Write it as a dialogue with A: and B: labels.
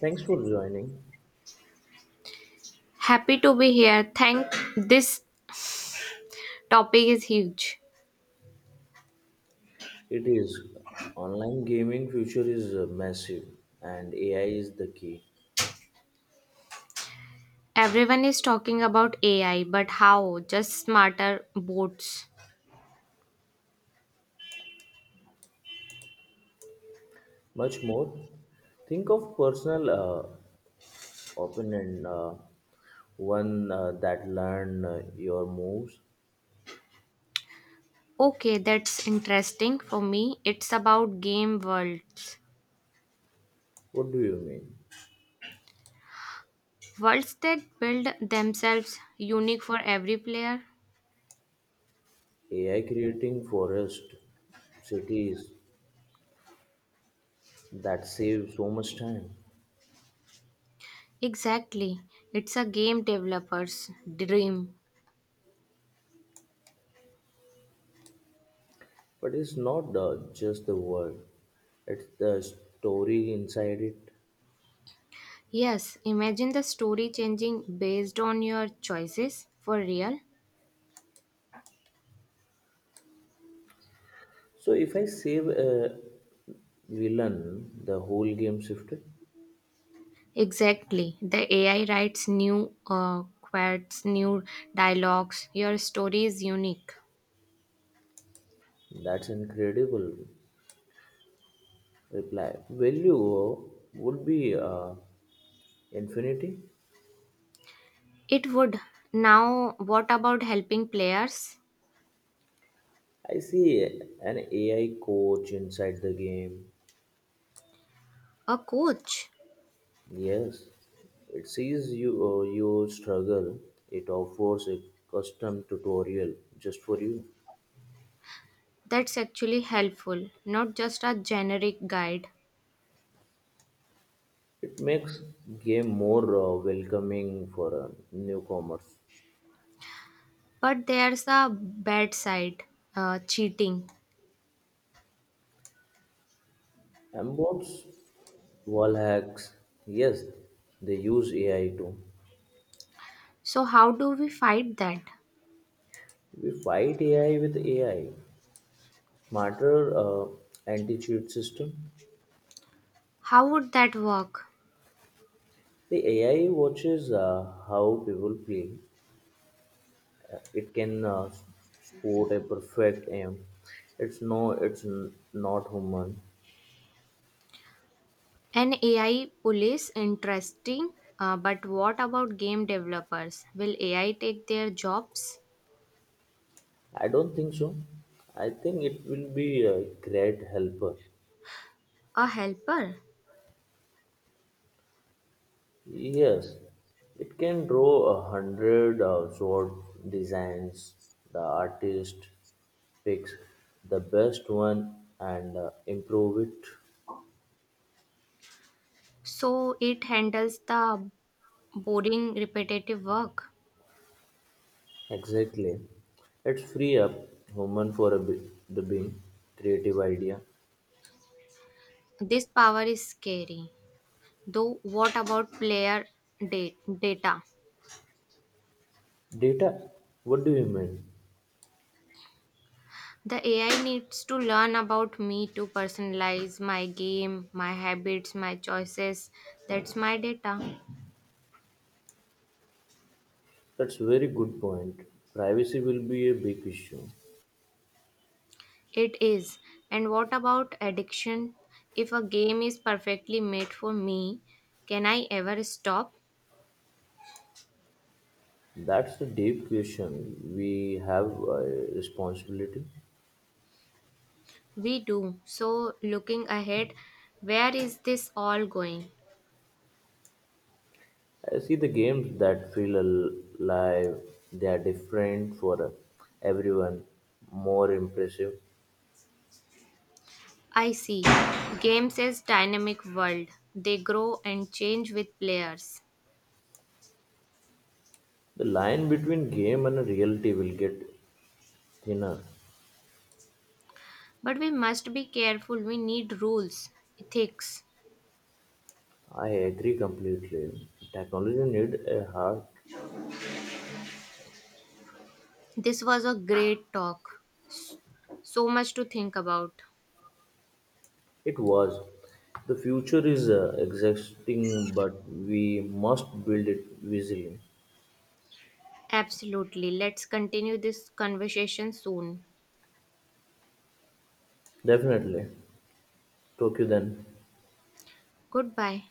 A: Thanks for joining.
B: Happy to be here. Thank this topic is huge.
A: It is online gaming future is massive, and AI is the key.
B: Everyone is talking about AI, but how? Just smarter bots.
A: Much more. Think of personal opponent, one that learn your moves.
B: Okay, that's interesting. For me, it's about game worlds.
A: What do you mean?
B: Worlds that build themselves unique for every player.
A: AI creating forest cities that save so much time.
B: Exactly. It's a game developer's dream.
A: But it's not just the world; it's the story inside it.
B: Yes, imagine the story changing based on your choices for real.
A: So if I save a villain, the whole game shifted.
B: Exactly. The AI writes new quotes, new dialogues. Your story is unique.
A: That's incredible reply. Value would be infinity.
B: It would. Now, what about helping players?
A: I see an AI coach inside the game.
B: A coach.
A: Yes, it sees you, your struggle. It offers a custom tutorial just for you.
B: That's actually helpful, not just a generic guide.
A: It makes game more welcoming for newcomers.
B: But there's a bad side cheating.
A: Ambots, wall hacks. Yes, they use AI too.
B: So, how do we fight that?
A: We fight AI with AI. Smarter anti-cheat system.
B: How would that work?
A: The AI watches how people play. It can spot a perfect aim. It's no, it's not human.
B: An AI police, interesting. But what about game developers? Will AI take their jobs?
A: I don't think so. I think it will be a great helper.
B: A helper.
A: Yes, it can draw 100 sword designs. The artist picks the best one and improve it
B: So it handles the boring, repetitive work.
A: exactly. It free up human for the being creative idea.
B: This power is scary. Though, what about player da- data?
A: Data, what do you mean?
B: The AI needs to learn about me to personalize my game, my habits, my choices. That's my data.
A: That's very good point. Privacy will be a big issue.
B: It is. And what about addiction? If a game is perfectly made for me, can I ever stop?
A: That's the deep question. We have a responsibility.
B: We do. So, looking ahead, where is this all going?
A: I see the games that feel alive, they are different for everyone, more impressive.
B: I see. Games is dynamic world. They grow and change with players.
A: The line between game and reality will get thinner.
B: But we must be careful. We need rules, ethics.
A: I agree completely. Technology need a heart.
B: This was a great talk. So much to think about.
A: It was. The future is existing, but we must build it visually.
B: Absolutely. Let's continue this conversation soon.
A: Definitely. Tokyo then.
B: Goodbye.